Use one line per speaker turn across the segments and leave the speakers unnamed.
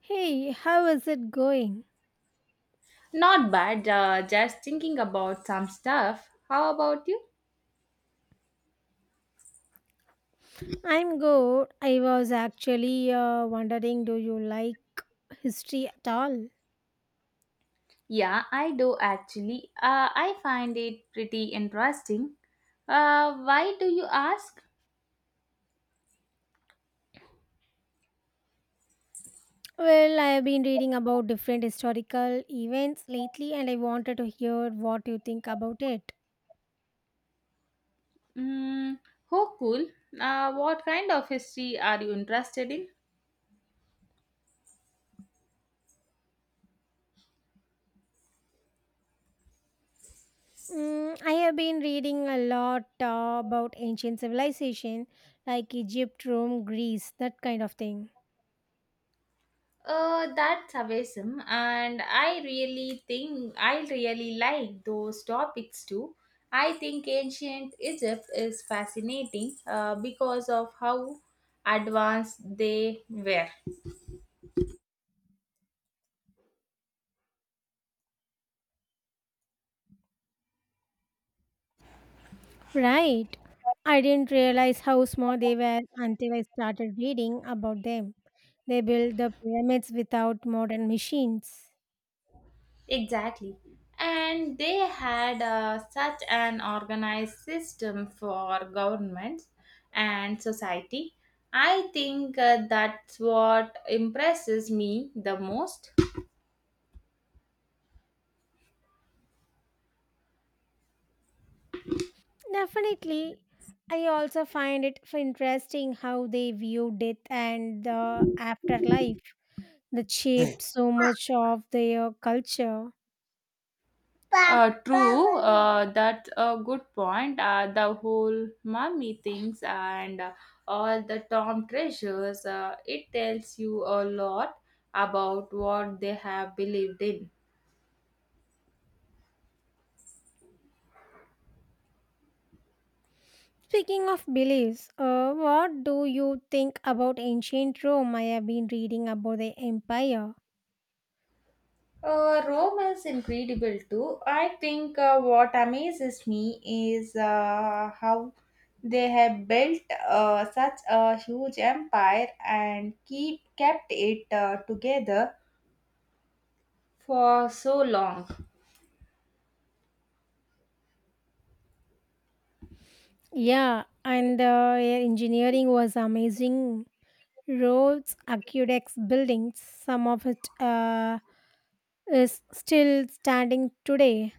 Hey, how is it going?
Not bad, just thinking about some stuff. How about you?
I'm good. I was actually wondering, do you like history at all?
Yeah, I do actually. I find it pretty interesting. Why do you ask?
Well, I have been reading about different historical events lately and I wanted to hear what you think about it.
Mm, oh, cool. What kind of history are you interested in?
Mm, I have been reading a lot about ancient civilization like Egypt, Rome, Greece, that kind of thing.
That's awesome, and I really like those topics too. I think ancient Egypt is fascinating because of how advanced they were.
Right. I didn't realize how small they were until I started reading about them. They built the pyramids without modern machines.
Exactly. And they had such an organized system for governments and society. I think that's what impresses me the most.
Definitely. I also find it interesting how they view death and the afterlife that shaped so much of their culture.
True, that's a good point. The whole mummy things and all the Tom treasures, it tells you a lot about what they have believed in.
Speaking of beliefs, what do you think about ancient Rome? I have been reading about the empire.
Rome is incredible too. I think what amazes me is how they have built such a huge empire and keep kept it together for so long.
Yeah, and air engineering was amazing. Roads, aqueducts, buildings, some of it is still standing today.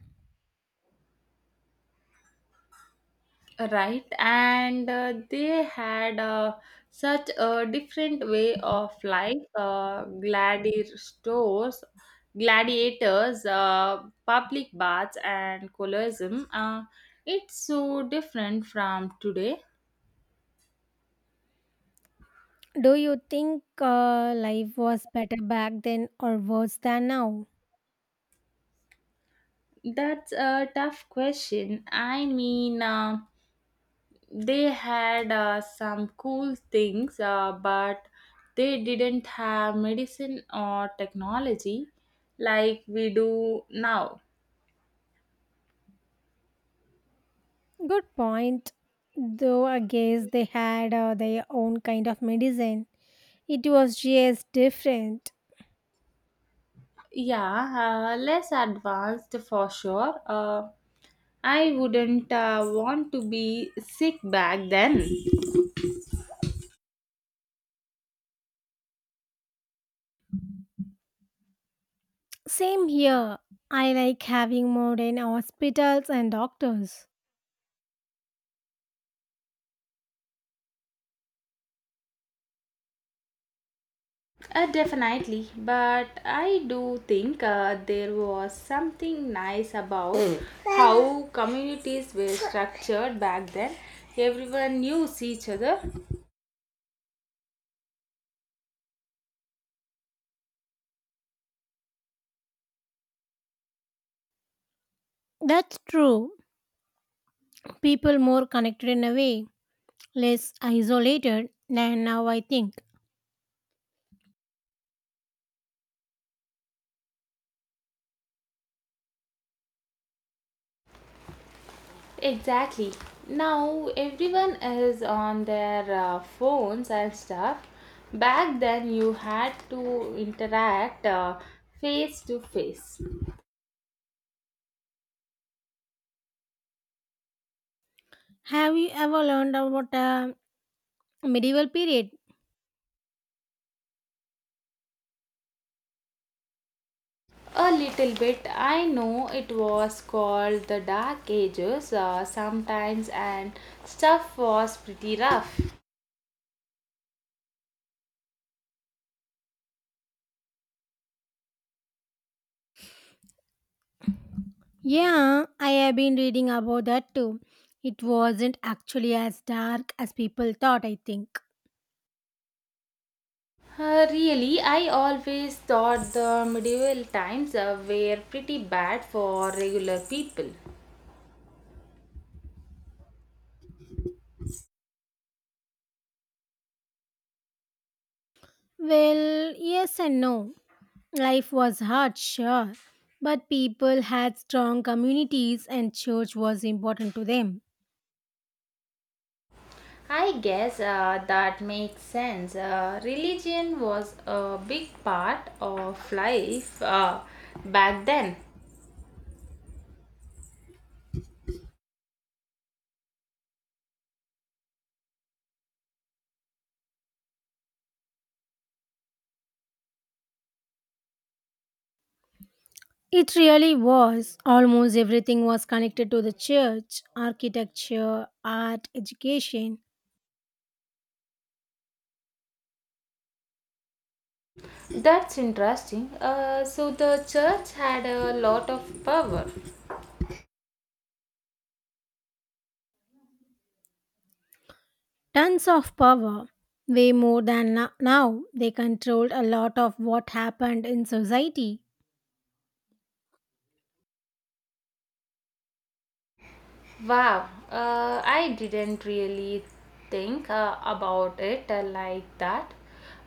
Right, and they had such a different way of life, gladiators, public baths, and colorism. It's so different from today.
Do you think life was better back then or worse than now?
That's a tough question. I mean, they had some cool things, but they didn't have medicine or technology like we do now.
Good point. Though I guess they had their own kind of medicine, it was just different.
Yeah, less advanced for sure. I wouldn't want to be sick back then.
Same here. I like having modern hospitals and doctors.
Definitely, but I do think there was something nice about how communities were structured back then. Everyone knew each other.
That's true. People more connected in a way, less isolated than now, I think.
Exactly. Now everyone is on their phones and stuff. Back then, you had to interact face to face.
Have you ever learned about a medieval period?
A little bit. I know it was called the Dark Ages sometimes, and stuff was pretty rough.
Yeah, I have been reading about that too. It wasn't actually as dark as people thought, I think.
Really, I always thought the medieval times were pretty bad for regular people.
Well, yes and no. Life was hard, sure, but people had strong communities and church was important to them.
I guess that makes sense. Religion was a big part of life back then.
It really was. Almost everything was connected to the church, architecture, art, education,
That's interesting. So the church had a lot of power.
tons of power. Way more than now, they controlled a lot of what happened in society.
Wow, I didn't really think about it like that.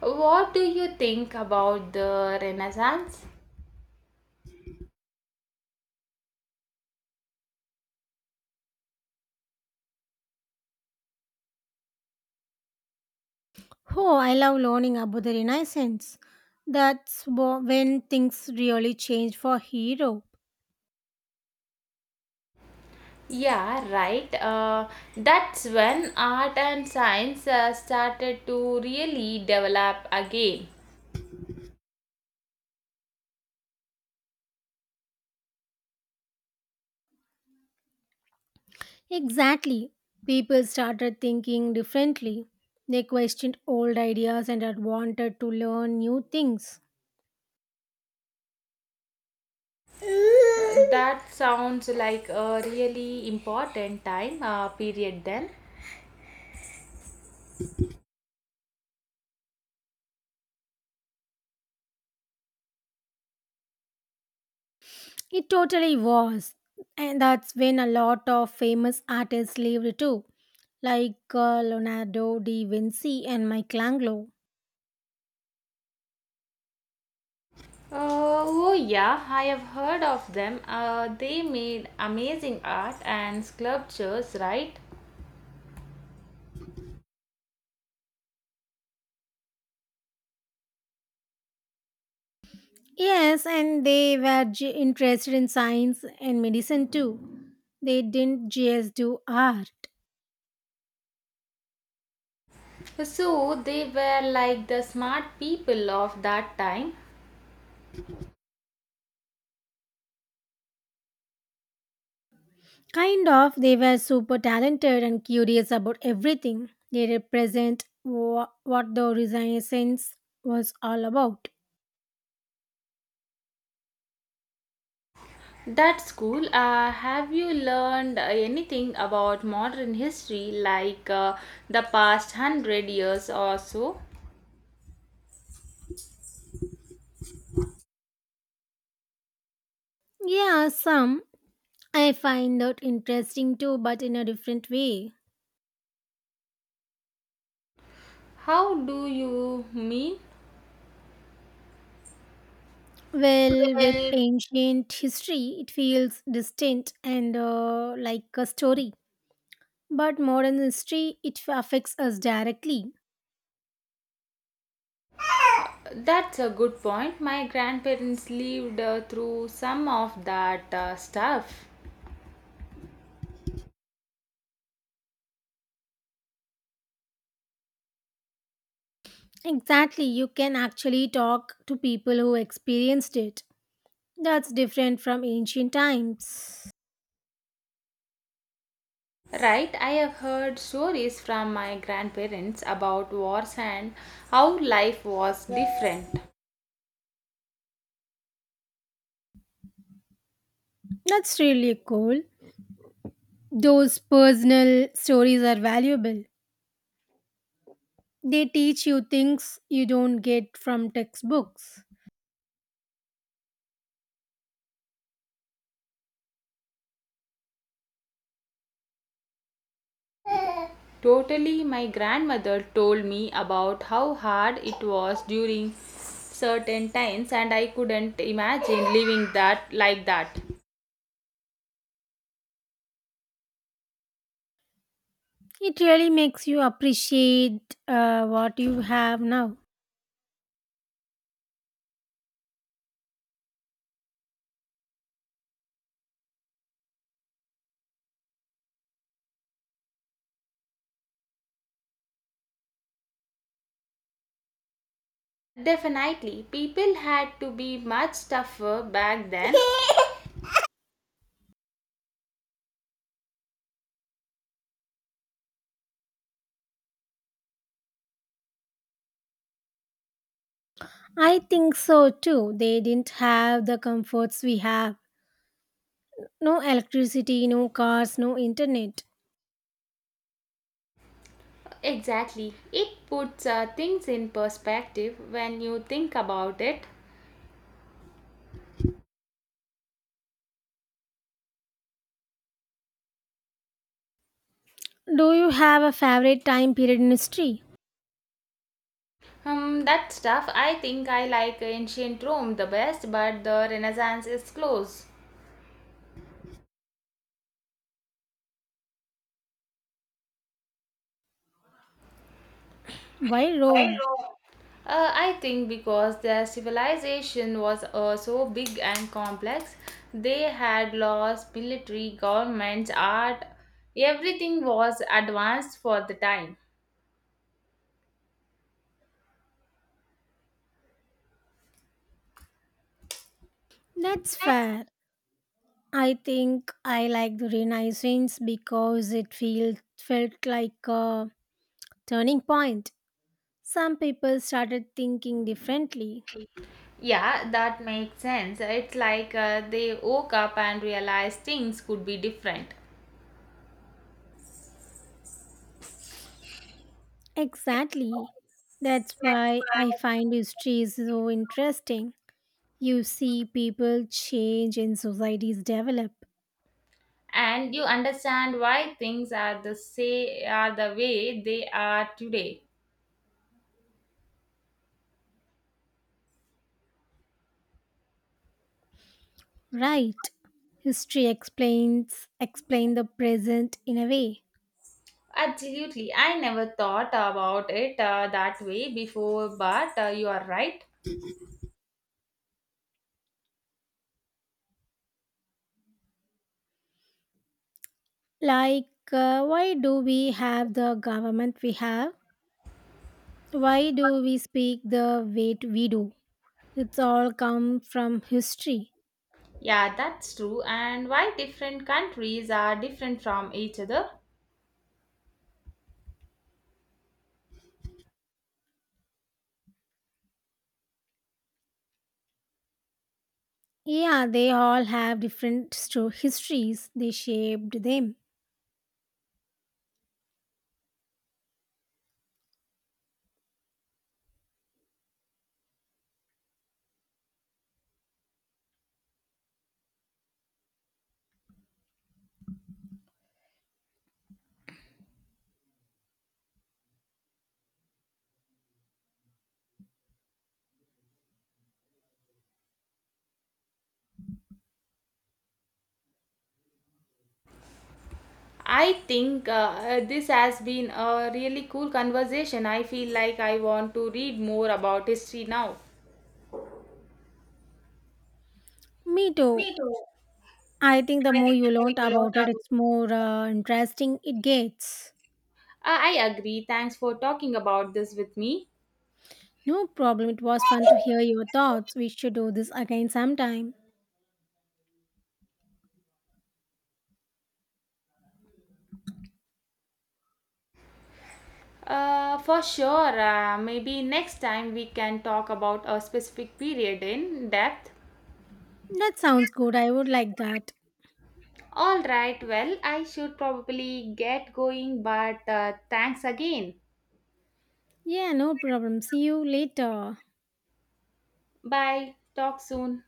What do you think about the Renaissance?
Oh, I love learning about the Renaissance. That's when things really changed for Europe.
Yeah, right. That's when art and science started to really develop again.
Exactly. People started thinking differently. They questioned old ideas and had wanted to learn new things.
That sounds like a really important time period then.
It totally was. And that's when a lot of famous artists lived too, like Leonardo da Vinci and Michelangelo.
Oh, yeah, I have heard of them. They made amazing art and sculptures, right?
Yes, and they were interested in science and medicine too. They didn't just do art.
So they were like the smart people of that time.
Kind of, they were super talented and curious about everything. They represent what the Renaissance was all about.
That's cool. Have you learned anything about modern history, like the past hundred years or so?
Yeah, some. I find that interesting too, but in a different way.
How do you mean?
Well, with ancient history, it feels distant and like a story. But modern history, it affects us directly.
That's a good point. My grandparents lived through some of that stuff.
Exactly, you can actually talk to people who experienced it. That's different from ancient times.
Right, I have heard stories from my grandparents about wars and how life was different.
That's really cool. Those personal stories are valuable. They teach you things you don't get from textbooks.
Totally, my grandmother told me about how hard it was during certain times, and I couldn't imagine living that like that.
It really makes you appreciate what you have now.
Definitely, people had to be much tougher back then.
I think so too. They didn't have the comforts we have. No electricity, no cars, no internet.
Exactly, it puts things in perspective when you think about it.
Do you have a favorite time period in history?
That stuff, I think I like ancient Rome the best, but the Renaissance is close.
Why Rome?
I think because their civilization was so big and complex, they had laws, military, governments, art, everything was advanced for the time.
That's fair. I think I like the Renaissance because it felt like a turning point. Some people started thinking differently.
Yeah, that makes sense. It's like they woke up and realized things could be different.
Exactly. That's why I find history is so interesting. You see people change and societies develop,
And you understand why things are the way they are today.
right? History explain the present in a way.
Absolutely, I never thought about it that way before, but you are right.
Like why do we have the government we have? Why do we speak the way we do? It's all come from history.
Yeah, that's true. And why different countries are different from each other?
Yeah, they all have different histories. They shaped them.
I think this has been a really cool conversation. I feel like I want to read more about history now.
Me too.
Me too.
I think the more you learn about it, it's more interesting it gets.
I agree. Thanks for talking about this with me.
No problem. It was fun to hear your thoughts. We should do this again sometime.
For sure. Maybe next time we can talk about a specific period in depth.
That sounds good. I would like that.
All right. Well, I should probably get going, but thanks again.
Yeah, no problem. See you later.
Bye. Talk soon.